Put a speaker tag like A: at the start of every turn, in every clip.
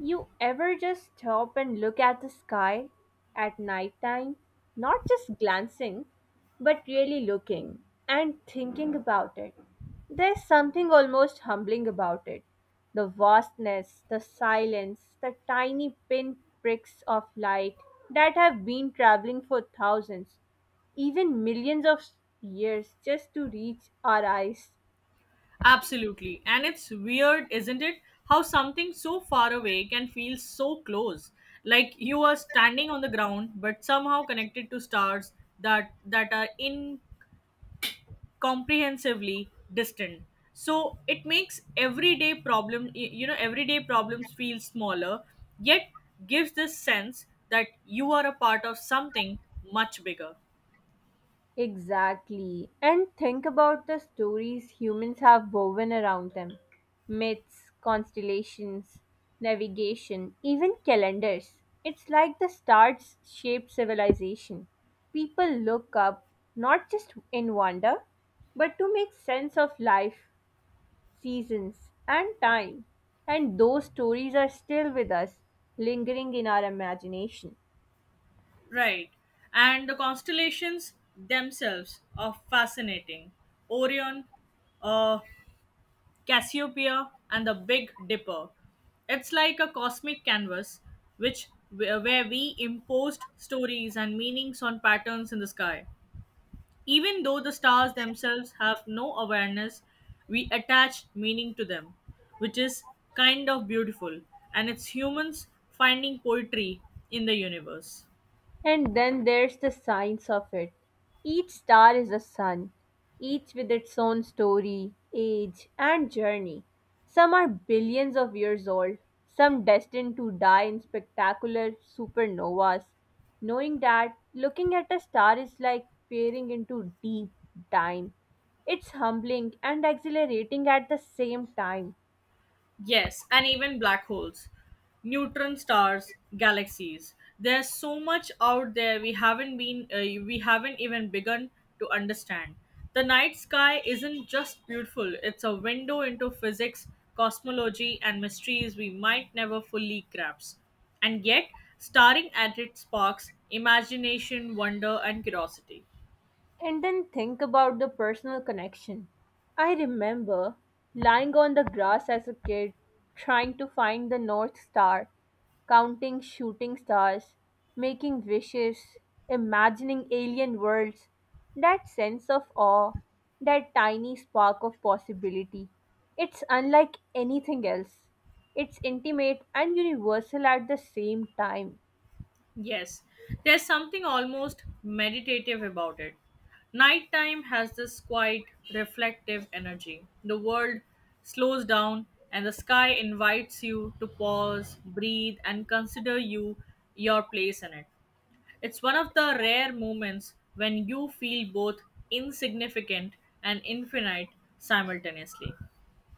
A: You ever just stop and look at the sky at night time? Not just glancing, but really looking and thinking about it. There's something almost humbling about it. The vastness, the silence, the tiny pinpricks of light that have been traveling for thousands, even millions of years just to reach our eyes.
B: Absolutely. And it's weird, isn't it? How something so far away can feel so close. Like you are standing on the ground but somehow connected to stars that are incomprehensibly distant. So it makes everyday problem y- you know everyday problems feel smaller yet gives this sense that you are a part of something much bigger.
A: Exactly. And think about the stories humans have woven around them myths, constellations, navigation, even calendars. It's like the stars shape civilization. People look up not just in wonder, but to make sense of life, seasons, and time. And those stories are still with us, lingering in our imagination.
B: Right. And the constellations themselves are fascinating. Orion, uh, Cassiopeia, and the Big Dipper. It's like a cosmic canvas which where we imposed stories and meanings on patterns in the sky. Even though the stars themselves have no awareness, we attach meaning to them, which is kind of beautiful. And it's humans finding poetry in the universe.
A: And then there's the science of it. Each star is a sun, each with its own story, age, and journey. Some are billions of years old, some destined to die in spectacular supernovas. Knowing that, looking at a star is like peering into deep time. It's humbling and exhilarating at the same time.
B: Yes, and even black holes, neutron stars, galaxies. There's so much out there we haven't even begun to understand. The night sky isn't just beautiful, it's a window into physics, cosmology and mysteries we might never fully grasp. And yet, staring at it sparks imagination, wonder and curiosity.
A: And then think about the personal connection. I remember lying on the grass as a kid, trying to find the North Star, counting shooting stars, making wishes, imagining alien worlds. That sense of awe, that tiny spark of possibility. It's unlike anything else. It's intimate and universal at the same time.
B: Yes, there's something almost meditative about it. Nighttime has this quiet, reflective energy. The world slows down and the sky invites you to pause, breathe, and consider your place in it. It's one of the rare moments when you feel both insignificant and infinite simultaneously.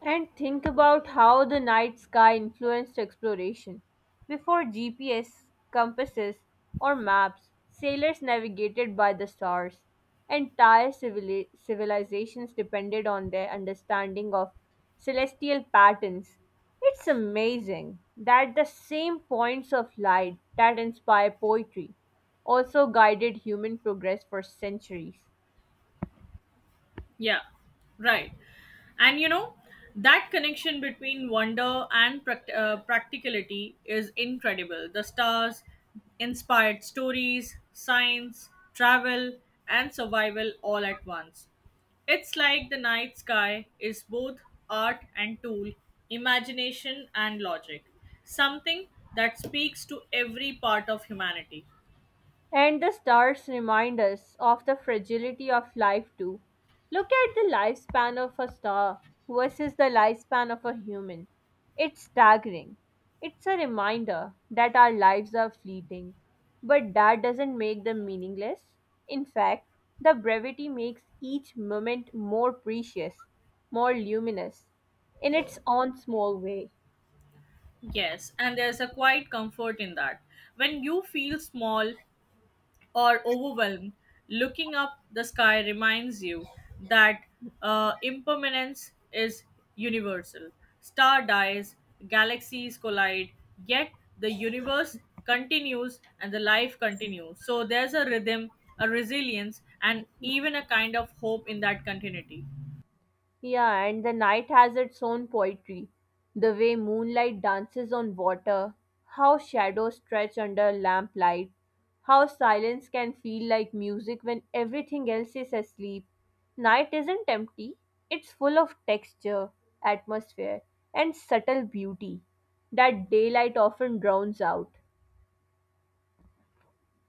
A: And think about how the night sky influenced exploration. Before GPS, compasses, or maps, sailors navigated by the stars. Entire civilizations depended on their understanding of celestial patterns. It's amazing that the same points of light that inspire poetry also guided human progress for centuries.
B: Yeah, right. And you know, that connection between wonder and practicality is incredible. The stars inspired stories, science, travel, and survival all at once. It's like the night sky is both art and tool, imagination and logic, something that speaks to every part of humanity.
A: And the stars remind us of the fragility of life, too. Look at the lifespan of a star versus the lifespan of a human. It's staggering. It's a reminder that our lives are fleeting. But that doesn't make them meaningless. In fact, the brevity makes each moment more precious, more luminous, in its own small way.
B: Yes, and there's a quiet comfort in that. When you feel small or overwhelmed, looking up the sky reminds you that impermanence is universal. Star dies, galaxies collide, yet the universe continues and the life continues. So there's a rhythm, a resilience, and even a kind of hope in that continuity.
A: Yeah, and the night has its own poetry. The way moonlight dances on water, how shadows stretch under lamplight, how silence can feel like music when everything else is asleep. Night isn't empty, it's full of texture, atmosphere, and subtle beauty that daylight often drowns out,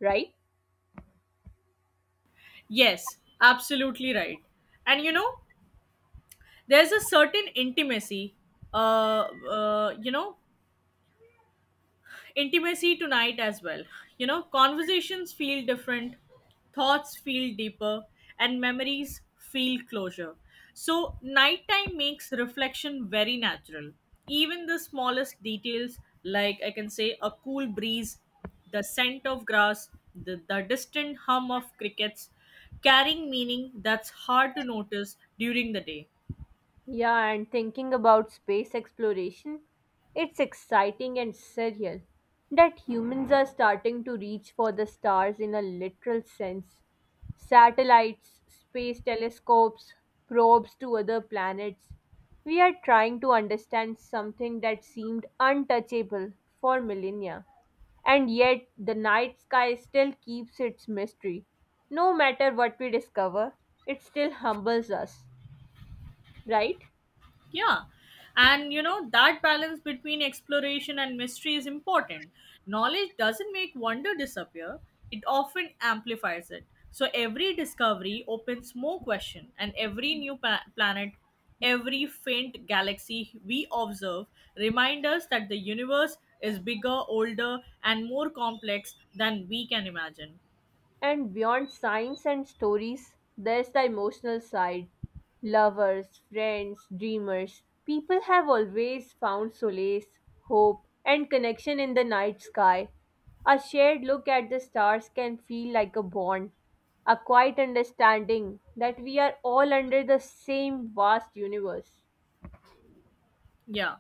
A: right?
B: Yes, absolutely right. And you know, there's a certain intimacy, uh, uh, you know, intimacy tonight as well. You know, conversations feel different, thoughts feel deeper, and memories feel closure. So, nighttime makes reflection very natural. Even the smallest details, like I can say a cool breeze, the scent of grass, the distant hum of crickets, carrying meaning that's hard to notice during the day.
A: Yeah, and thinking about space exploration, it's exciting and surreal that humans are starting to reach for the stars in a literal sense. Satellites, space telescopes, probes to other planets. We are trying to understand something that seemed untouchable for millennia. And yet, the night sky still keeps its mystery. No matter what we discover, it still humbles us, right?
B: Yeah. And you know, that balance between exploration and mystery is important. Knowledge doesn't make wonder disappear, it often amplifies it. So every discovery opens more question and every new planet, every faint galaxy we observe remind us that the universe is bigger, older and more complex than we can imagine.
A: And beyond signs and stories, there's the emotional side. Lovers, friends, dreamers, people have always found solace, hope, and connection in the night sky. A shared look at the stars can feel like a bond, a quiet understanding that we are all under the same vast universe.
B: Yeah,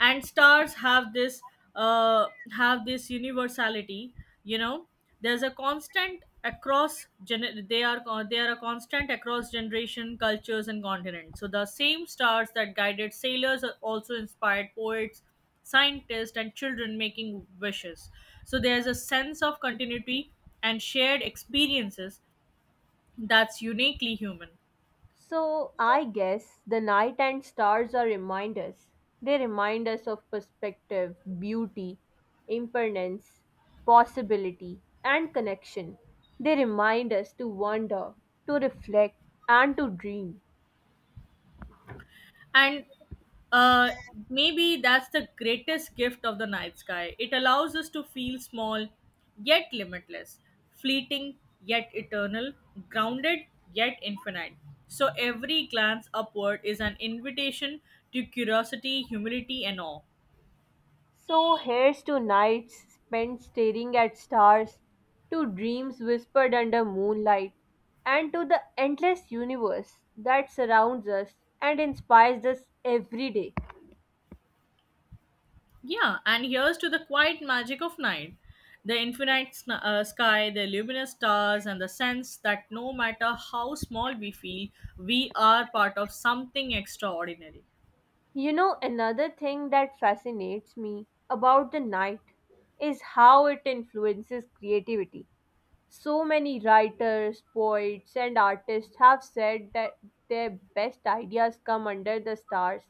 B: and stars uh have this universality. You know, there's a constant across they are a constant across generation cultures and continents, so the same stars that guided sailors are also inspired poets, scientists and children making wishes. So there's a sense of continuity and shared experiences that's uniquely human.
A: So I guess the night and stars are reminders. They remind us of perspective, beauty, impermanence, possibility, and connection. They remind us to wonder, to reflect, and to dream.
B: And uh, maybe that's the greatest gift of the night sky. It allows us to feel small, yet limitless, fleeting, yet eternal, grounded, yet infinite. So every glance upward is an invitation to curiosity, humility, and awe.
A: So here's to nights spent staring at stars, to dreams whispered under moonlight, and to the endless universe that surrounds us and inspires us every day.
B: Yeah, and here's to the quiet magic of night. The infinite sky, the luminous stars, and the sense that no matter how small we feel, we are part of something extraordinary.
A: You know, another thing that fascinates me about the night is how it influences creativity. So many writers, poets, and artists have said that their best ideas come under the stars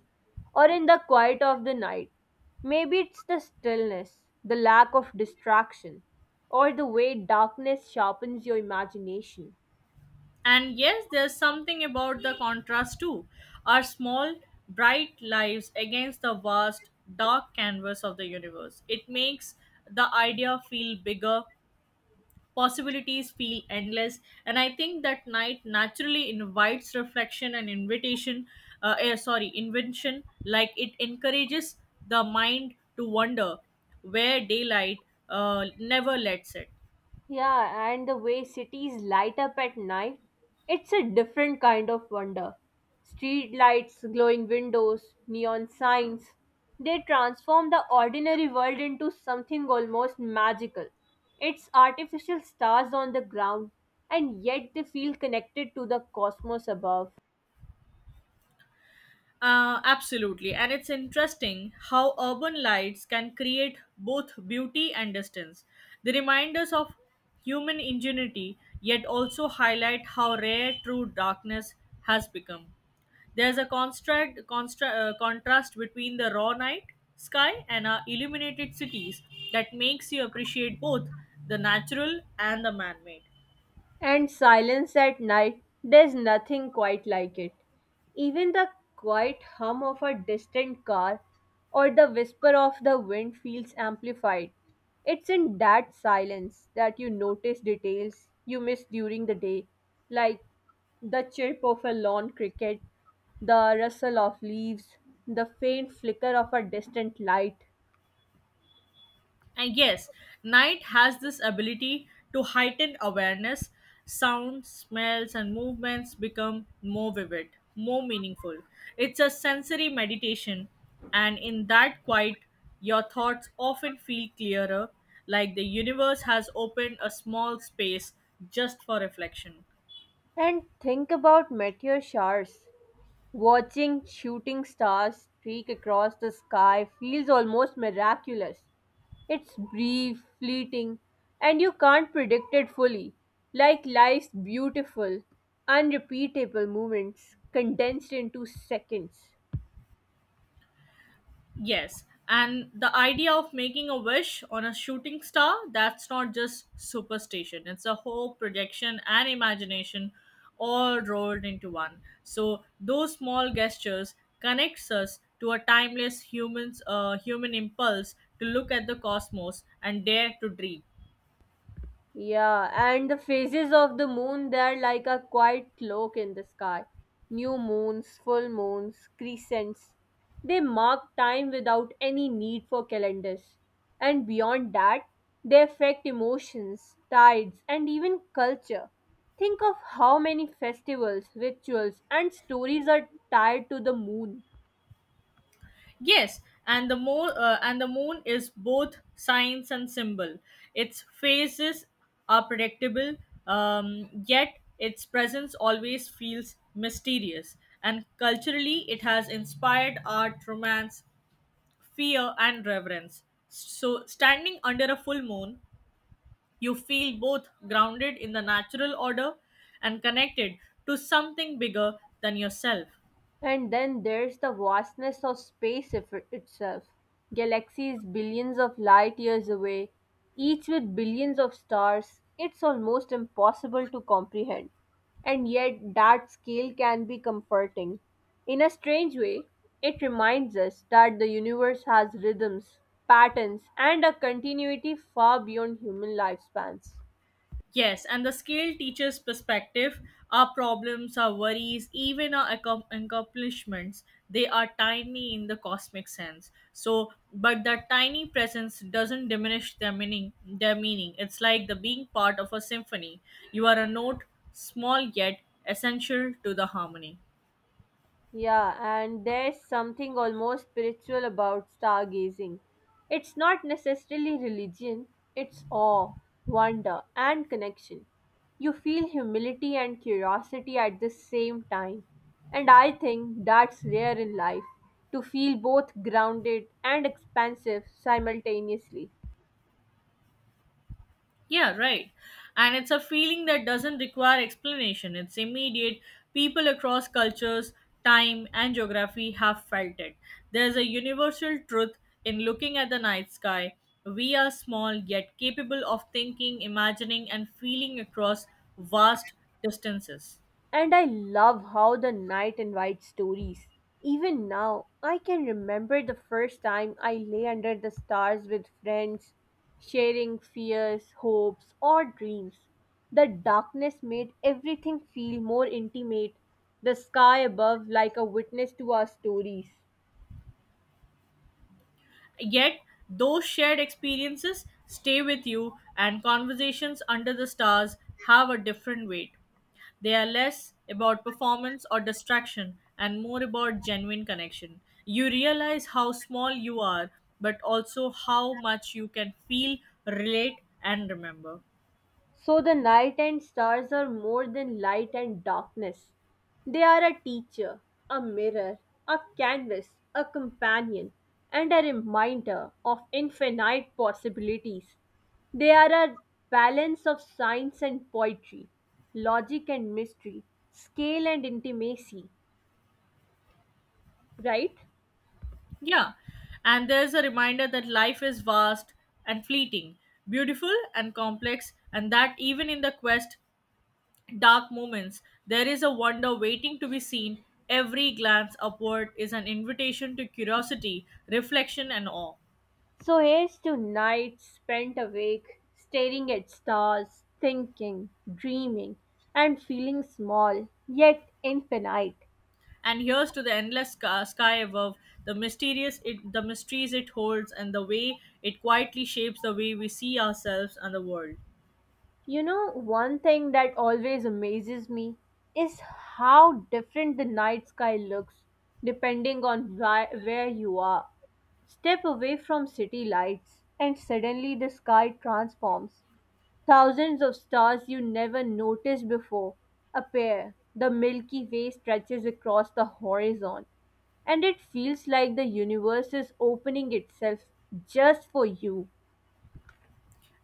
A: or in the quiet of the night. Maybe it's the stillness, the lack of distraction, or the way darkness sharpens your imagination.
B: And yes, there's something about the contrast too. Our small, bright lives against the vast, dark canvas of the universe. It makes the idea feel bigger, possibilities feel endless, and I think that night naturally invites reflection and invention, like it encourages the mind to wonder where daylight never lets it.
A: Yeah, and the way cities light up at night, it's a different kind of wonder. Street lights, glowing windows, neon signs, they transform the ordinary world into something almost magical. It's artificial stars on the ground, and yet they feel connected to the cosmos above.
B: Absolutely, and it's interesting how urban lights can create both beauty and distance. They remind us of human ingenuity, yet also highlight how rare true darkness has become. There's a contrast between the raw night sky and our illuminated cities that makes you appreciate both the natural and the man made.
A: And silence at night, there's nothing quite like it. Even the quiet hum of a distant car or the whisper of the wind feels amplified. It's in that silence that you notice details you miss during the day, like the chirp of a lawn cricket, the rustle of leaves, the faint flicker of a distant light.
B: And yes, night has this ability to heighten awareness. Sounds, smells, and movements become more vivid, more meaningful. It's a sensory meditation, and in that quiet, your thoughts often feel clearer, like the universe has opened a small space just for reflection.
A: And think about meteor showers. Watching shooting stars streak across the sky feels almost miraculous. It's brief, fleeting, and you can't predict it fully, like life's beautiful, unrepeatable moments condensed into seconds.
B: Yes, and the idea of making a wish on a shooting star, that's not just superstition, it's a hope, projection, and imagination all rolled into one. So, those small gestures connects us to a timeless human impulse to look at the cosmos and dare to dream.
A: Yeah, and the phases of the moon, they're like a quiet cloak in the sky. New moons, full moons, crescents. They mark time without any need for calendars. And beyond that, they affect emotions, tides, and even culture. Think of how many festivals, rituals, and stories are tied to the moon.
B: Yes, and the moon is both science and symbol. Its phases are predictable, yet its presence always feels mysterious. And culturally, it has inspired art, romance, fear, and reverence. So, standing under a full moon, you feel both grounded in the natural order and connected to something bigger than yourself.
A: And then there's the vastness of space itself. Galaxies billions of light years away, each with billions of stars, it's almost impossible to comprehend. And yet, that scale can be comforting. In a strange way, it reminds us that the universe has rhythms, patterns, and a continuity far beyond human lifespans.
B: Yes, and the skilled teacher's perspective, our problems, our worries, even our accomplishments, they are tiny in the cosmic sense. So, but that tiny presence doesn't diminish their meaning. Their meaning. It's like the being part of a symphony. You are a note, small yet essential to the harmony.
A: Yeah, and there's something almost spiritual about stargazing. It's not necessarily religion, it's awe, wonder, and connection. You feel humility and curiosity at the same time. And I think that's rare in life to feel both grounded and expansive simultaneously.
B: Yeah, right. And it's a feeling that doesn't require explanation. It's immediate. People across cultures, time, and geography have felt it. There's a universal truth in looking at the night sky. We are small, yet capable of thinking, imagining, and feeling across vast distances.
A: And I love how the night invites stories. Even now, I can remember the first time I lay under the stars with friends, sharing fears, hopes, or dreams. The darkness made everything feel more intimate, the sky above like a witness to our stories.
B: Yet, those shared experiences stay with you, and conversations under the stars have a different weight. They are less about performance or distraction and more about genuine connection. You realize how small you are, but also how much you can feel, relate, and remember.
A: So the night and stars are more than light and darkness. They are a teacher, a mirror, a canvas, a companion, and a reminder of infinite possibilities. They are a balance of science and poetry, logic and mystery, scale and intimacy, right?
B: Yeah, and there's a reminder that life is vast and fleeting, beautiful and complex, and that even in the quest dark moments, there is a wonder waiting to be seen. Every glance upward is an invitation to curiosity, reflection, and awe.
A: So here's to nights spent awake, staring at stars, thinking, dreaming, and feeling small, yet infinite.
B: And here's to the endless sky above, the mysterious, the mysteries it holds, and the way it quietly shapes the way we see ourselves and the world.
A: You know, one thing that always amazes me is how different the night sky looks depending on where you are. Step away from city lights, and suddenly the sky transforms. Thousands of stars you never noticed before appear. The Milky Way stretches across the horizon, and it feels like the universe is opening itself just for you.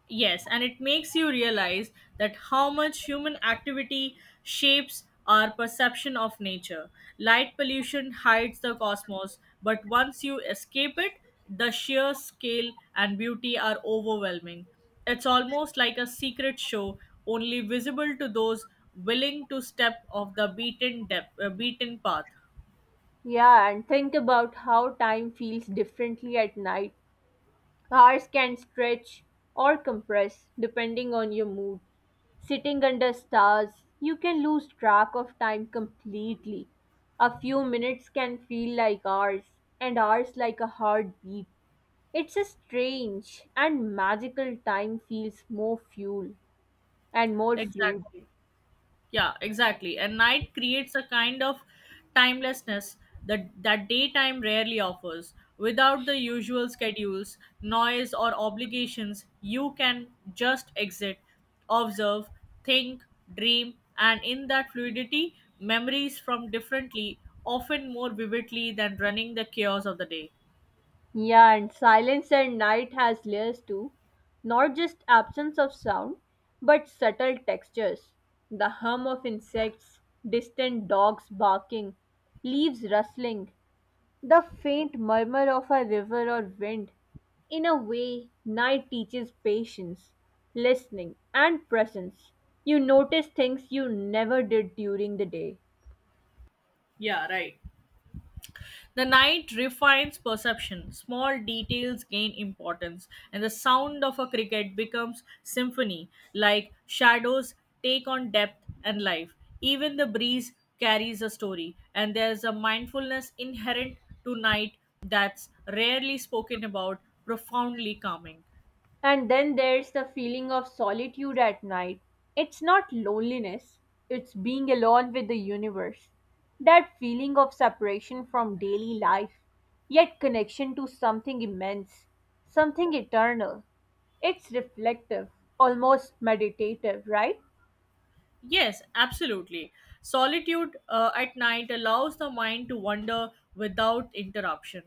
B: Yes, and it makes you realize that how much human activity shapes our perception of nature. Light pollution hides the cosmos, but once you escape it, the sheer scale and beauty are overwhelming. It's almost like a secret show, only visible to those willing to step off the beaten path.
A: Yeah, and think about how time feels differently at night. Hours can stretch or compress depending on your mood. Sitting under stars, you can lose track of time completely. A few minutes can feel like hours, and hours like a heartbeat. It's a strange and magical time feels more fuel and more fluid.
B: Exactly. Yeah, exactly. And night creates a kind of timelessness that daytime rarely offers. Without the usual schedules, noise, or obligations, you can just exit, observe, think, dream, and in that fluidity, memories from differently, often more vividly than running the chaos of the day.
A: Yeah, and silence at night has layers too. Not just absence of sound, but subtle textures. The hum of insects, distant dogs barking, leaves rustling, the faint murmur of a river or wind. In a way, night teaches patience, listening, and presence. You notice things you never did during the day.
B: Yeah, right. The night refines perception. Small details gain importance, and the sound of a cricket becomes symphony, like shadows take on depth and life. Even the breeze carries a story, and there's a mindfulness inherent to night that's rarely spoken about, profoundly calming.
A: And then there's the feeling of solitude at night. It's not loneliness, it's being alone with the universe. That feeling of separation from daily life, yet connection to something immense, something eternal. It's reflective, almost meditative, right?
B: Yes, absolutely. Solitude at night allows the mind to wander without interruption.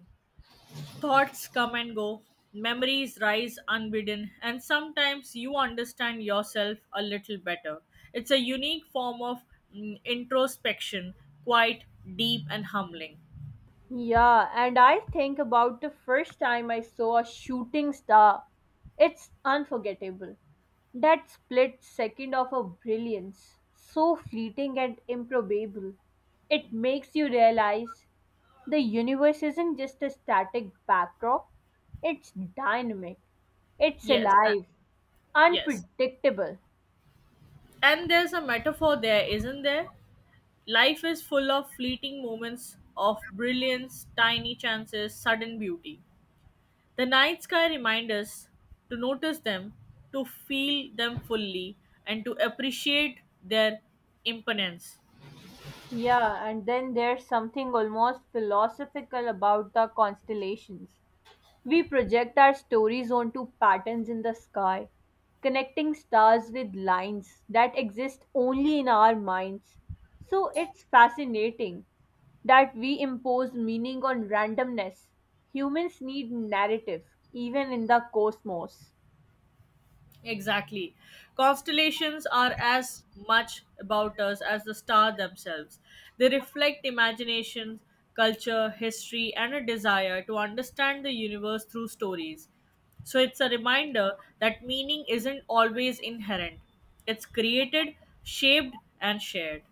B: Thoughts come and go, memories rise unbidden, and sometimes you understand yourself a little better. It's a unique form of introspection, quite deep and humbling.
A: Yeah, and I think about the first time I saw a shooting star. It's unforgettable. That split second of a brilliance, so fleeting and improbable. It makes you realize the universe isn't just a static backdrop, it's dynamic, it's
B: Yes, uh,
A: alive,
B: yes.
A: unpredictable.
B: And there's a metaphor there, isn't there? Life is full of fleeting moments of brilliance, tiny chances, sudden beauty. The night sky reminds us to notice them, to feel them fully, and to appreciate their imponence.
A: Yeah, and then there's something almost philosophical about the constellations. We project our stories onto patterns in the sky, connecting stars with lines that exist only in our minds. So it's fascinating that we impose meaning on randomness. Humans need narrative, even in the cosmos.
B: Exactly. Constellations are as much about us as the star themselves. They reflect imagination, culture, history, and a desire to understand the universe through stories. So it's a reminder that meaning isn't always inherent, it's created, shaped, and shared.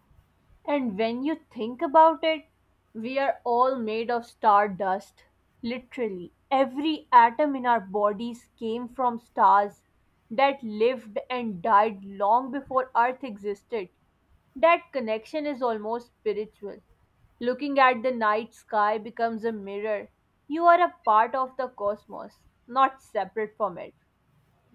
A: And when you think about it, we are all made of stardust. Literally, every atom in our bodies came from stars that lived and died long before Earth existed. That connection is almost spiritual. Looking at the night sky becomes a mirror. You are a part of the cosmos, not separate from it.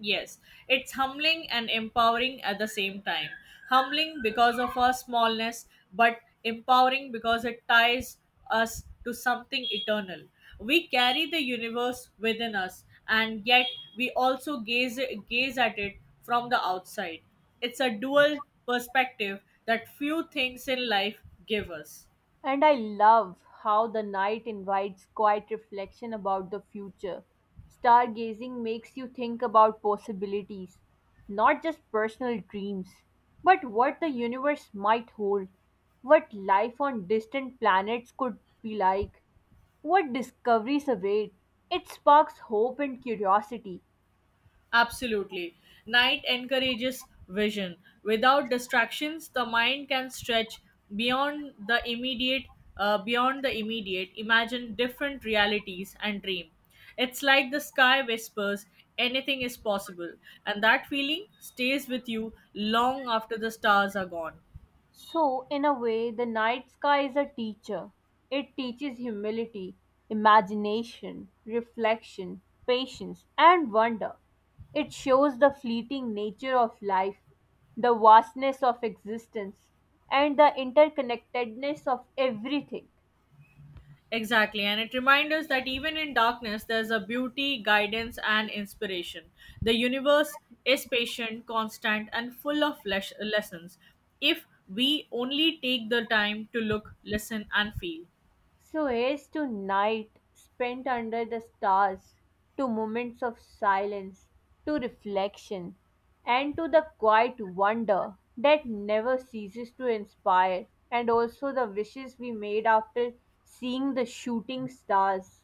B: Yes, it's humbling and empowering at the same time. Humbling because of our smallness, but empowering because it ties us to something eternal. We carry the universe within us, and yet we also gaze at it from the outside. It's a dual perspective that few things in life give us.
A: And I love how the night invites quiet reflection about the future. Stargazing makes you think about possibilities, not just personal dreams, but what the universe might hold, what life on distant planets could be like, what discoveries await. It sparks hope and curiosity,
B: Absolutely. Night encourages vision. Without distractions, the mind can stretch beyond the immediate, imagine different realities and dream. It's like the sky whispers, anything is possible, and that feeling stays with you long after the stars are gone.
A: So, in a way, the night sky is a teacher. It teaches humility, imagination, reflection, patience, and wonder. It shows the fleeting nature of life, the vastness of existence, and the interconnectedness of everything.
B: Exactly, and it reminds us that even in darkness, there's a beauty, guidance, and inspiration. The universe is patient, constant, and full of lessons if we only take the time to look, listen, and feel.
A: So as to night spent under the stars, to moments of silence, to reflection, and to the quiet wonder that never ceases to inspire, and also the wishes we made after seeing the shooting stars.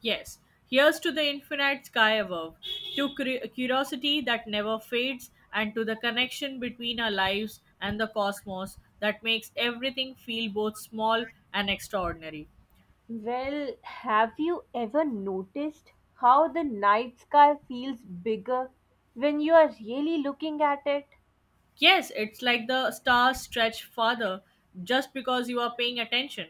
B: Yes, here's to the infinite sky above, to curiosity that never fades, and to the connection between our lives and the cosmos that makes everything feel both small and extraordinary.
A: Well, have you ever noticed how the night sky feels bigger when you are really looking at it?
B: Yes, it's like the stars stretch farther just because you are paying attention.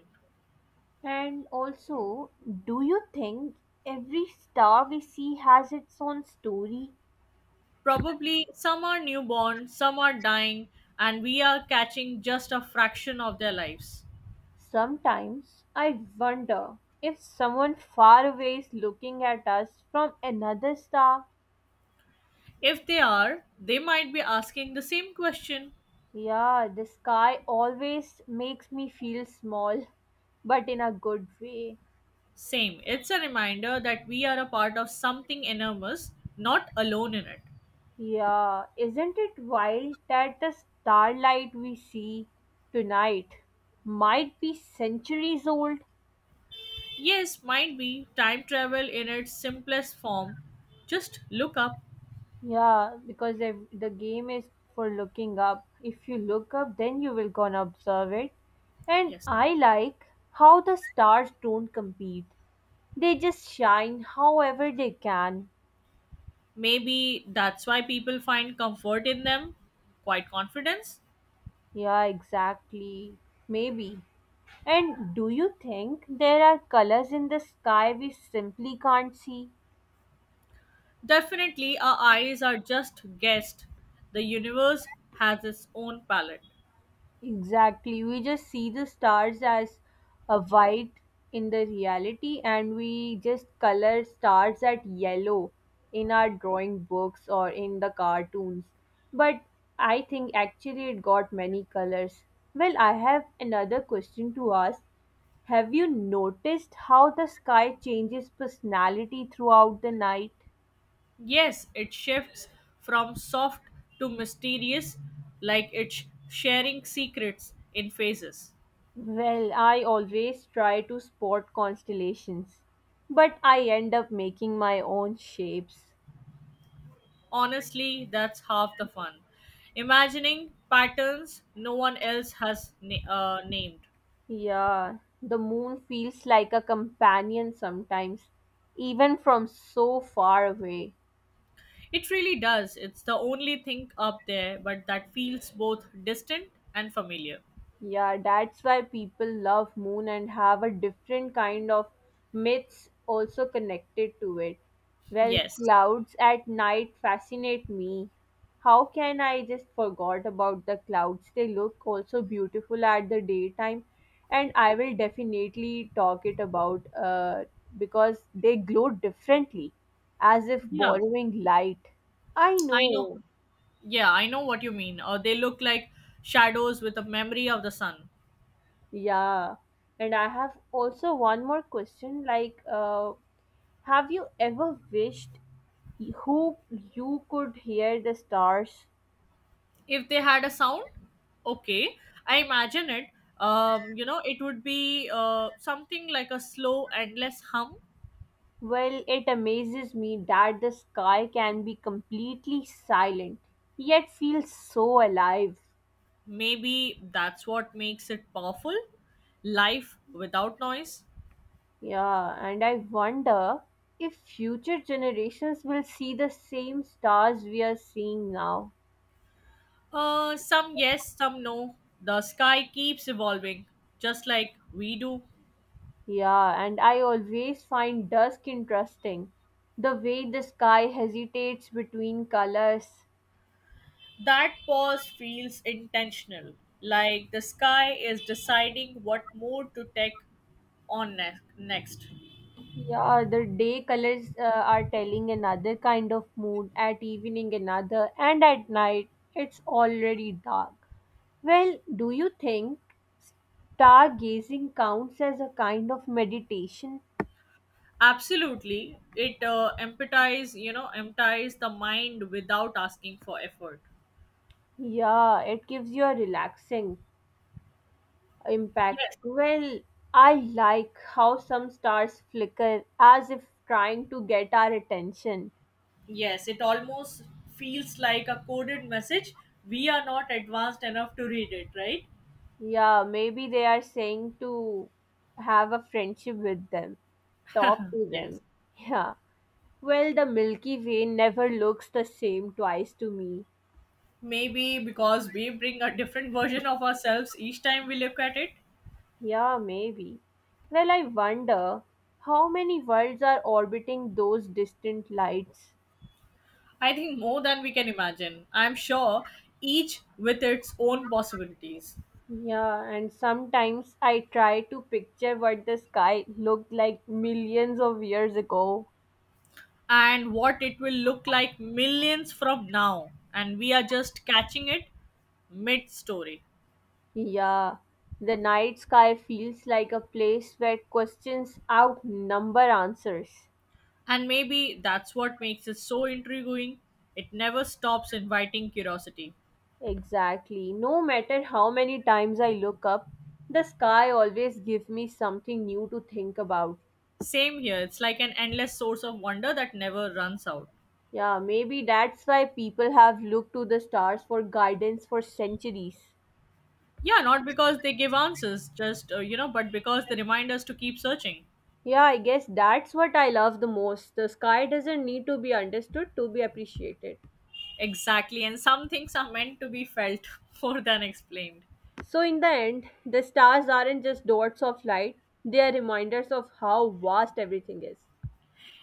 A: And also, do you think every star we see has its own story?
B: Probably some are newborn, some are dying, and we are catching just a fraction of their lives.
A: Sometimes I wonder if someone far away is looking at us from another star.
B: If they are, they might be asking the same question.
A: Yeah, the sky always makes me feel small, but in a good way.
B: Same. It's a reminder that we are a part of something enormous, not alone in it.
A: Yeah, isn't it wild that the starlight we see tonight might be centuries old?
B: Yes, might be time travel in its simplest form. Just look up.
A: Yeah, because the game is for looking up. If you look up, then you will gonna observe it. And
B: Yes.
A: I like how the stars don't compete. They just shine however they can.
B: Maybe that's why people find comfort in them. Quite confidence.
A: Yeah, exactly. Maybe. And do you think there are colors in the sky we simply can't see?
B: Definitely, our eyes are just guessed. The universe has its own palette.
A: Exactly. We just see the stars as a white in the reality and we just color stars at yellow in our drawing books or in the cartoons. But I think actually it got many colors. Well, I have another question to ask. Have you noticed how the sky changes personality throughout the night?
B: Yes, it shifts from soft to mysterious, like it's sharing secrets in phases.
A: Well, I always try to spot constellations, but I end up making my own shapes.
B: Honestly, that's half the fun. Imagining patterns no one else has named.
A: Yeah, the moon feels like a companion sometimes, even from so far away.
B: It really does. It's the only thing up there, but that feels both distant and familiar.
A: Yeah, that's why people love moon and have a different kind of myths also connected to it. Well,
B: Yes.
A: clouds at night fascinate me. How can I just forgot about the clouds? They look also beautiful at the daytime, and I will definitely talk it about because they glow differently, as if
B: Yeah,
A: borrowing light. I
B: I know.
A: know.
B: Yeah, I know what you mean. Or they look like shadows with a memory of the sun.
A: Yeah, and I have also one more question. Like, have you ever wished who you could hear the stars?
B: If they had a sound, okay, I imagine it. You know, it would be something like a slow, endless hum.
A: Well, it amazes me that the sky can be completely silent, yet feels so alive.
B: Maybe that's what makes it powerful. Life without noise.
A: Yeah, and I wonder if future generations will see the same stars we are seeing now.
B: Some yes, some no. The sky keeps evolving, just like we do.
A: Yeah, and I always find dusk interesting. The way the sky hesitates between colors.
B: That pause feels intentional, like the sky is deciding what mood to take on next.
A: Yeah, the day colors are telling another kind of mood, at evening another, and at night it's already dark. Well, do you think stargazing counts as a kind of meditation?
B: Absolutely, it empathize, you know, empathize the mind without asking for effort.
A: Yeah, it gives you a relaxing, impact.
B: Yes,
A: Well, I like how some stars flicker as if trying to get our attention.
B: yes, it almost feels like a coded message. We are not advanced enough to read it, right?
A: Yeah, maybe they are saying to have a friendship with them, talk to
B: Yes.
A: them. Yeah. Well, the Milky Way never looks the same twice to me.
B: Maybe because we bring a different version of ourselves each time we look at it.
A: Yeah, maybe. Well, I wonder how many worlds are orbiting those distant lights.
B: I think more than we can imagine. I'm sure each with its own possibilities
A: Yeah, and sometimes I try to picture what the sky looked like millions of years ago.
B: and what it will look like millions from now. And we are just catching it mid story.
A: Yeah, the night sky feels like a place where questions outnumber answers.
B: And maybe that's what makes it so intriguing. It never stops inviting curiosity.
A: Exactly. No matter how many times I look up, the sky always gives me something new to think about.
B: Same here, it's like an endless source of wonder that never runs out.
A: Yeah, maybe that's why people have looked to the stars for guidance for centuries.
B: Yeah, not because they give answers, but because they remind us to keep searching.
A: Yeah, I guess that's what I love the most. The sky doesn't need to be understood to be appreciated.
B: Exactly. And some things are meant to be felt more than explained.
A: So, in the end, the stars aren't just dots of light, they are reminders of how vast everything is.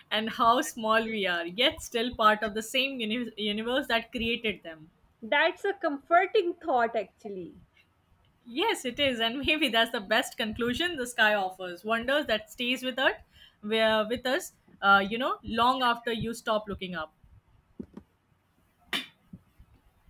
B: And how small we are, yet still part of the same universe that created them.
A: That's a comforting thought, actually.
B: Yes, it is. And maybe that's the best conclusion the sky offers. Wonders that stays with us, where with us, you know, long after you stop looking up.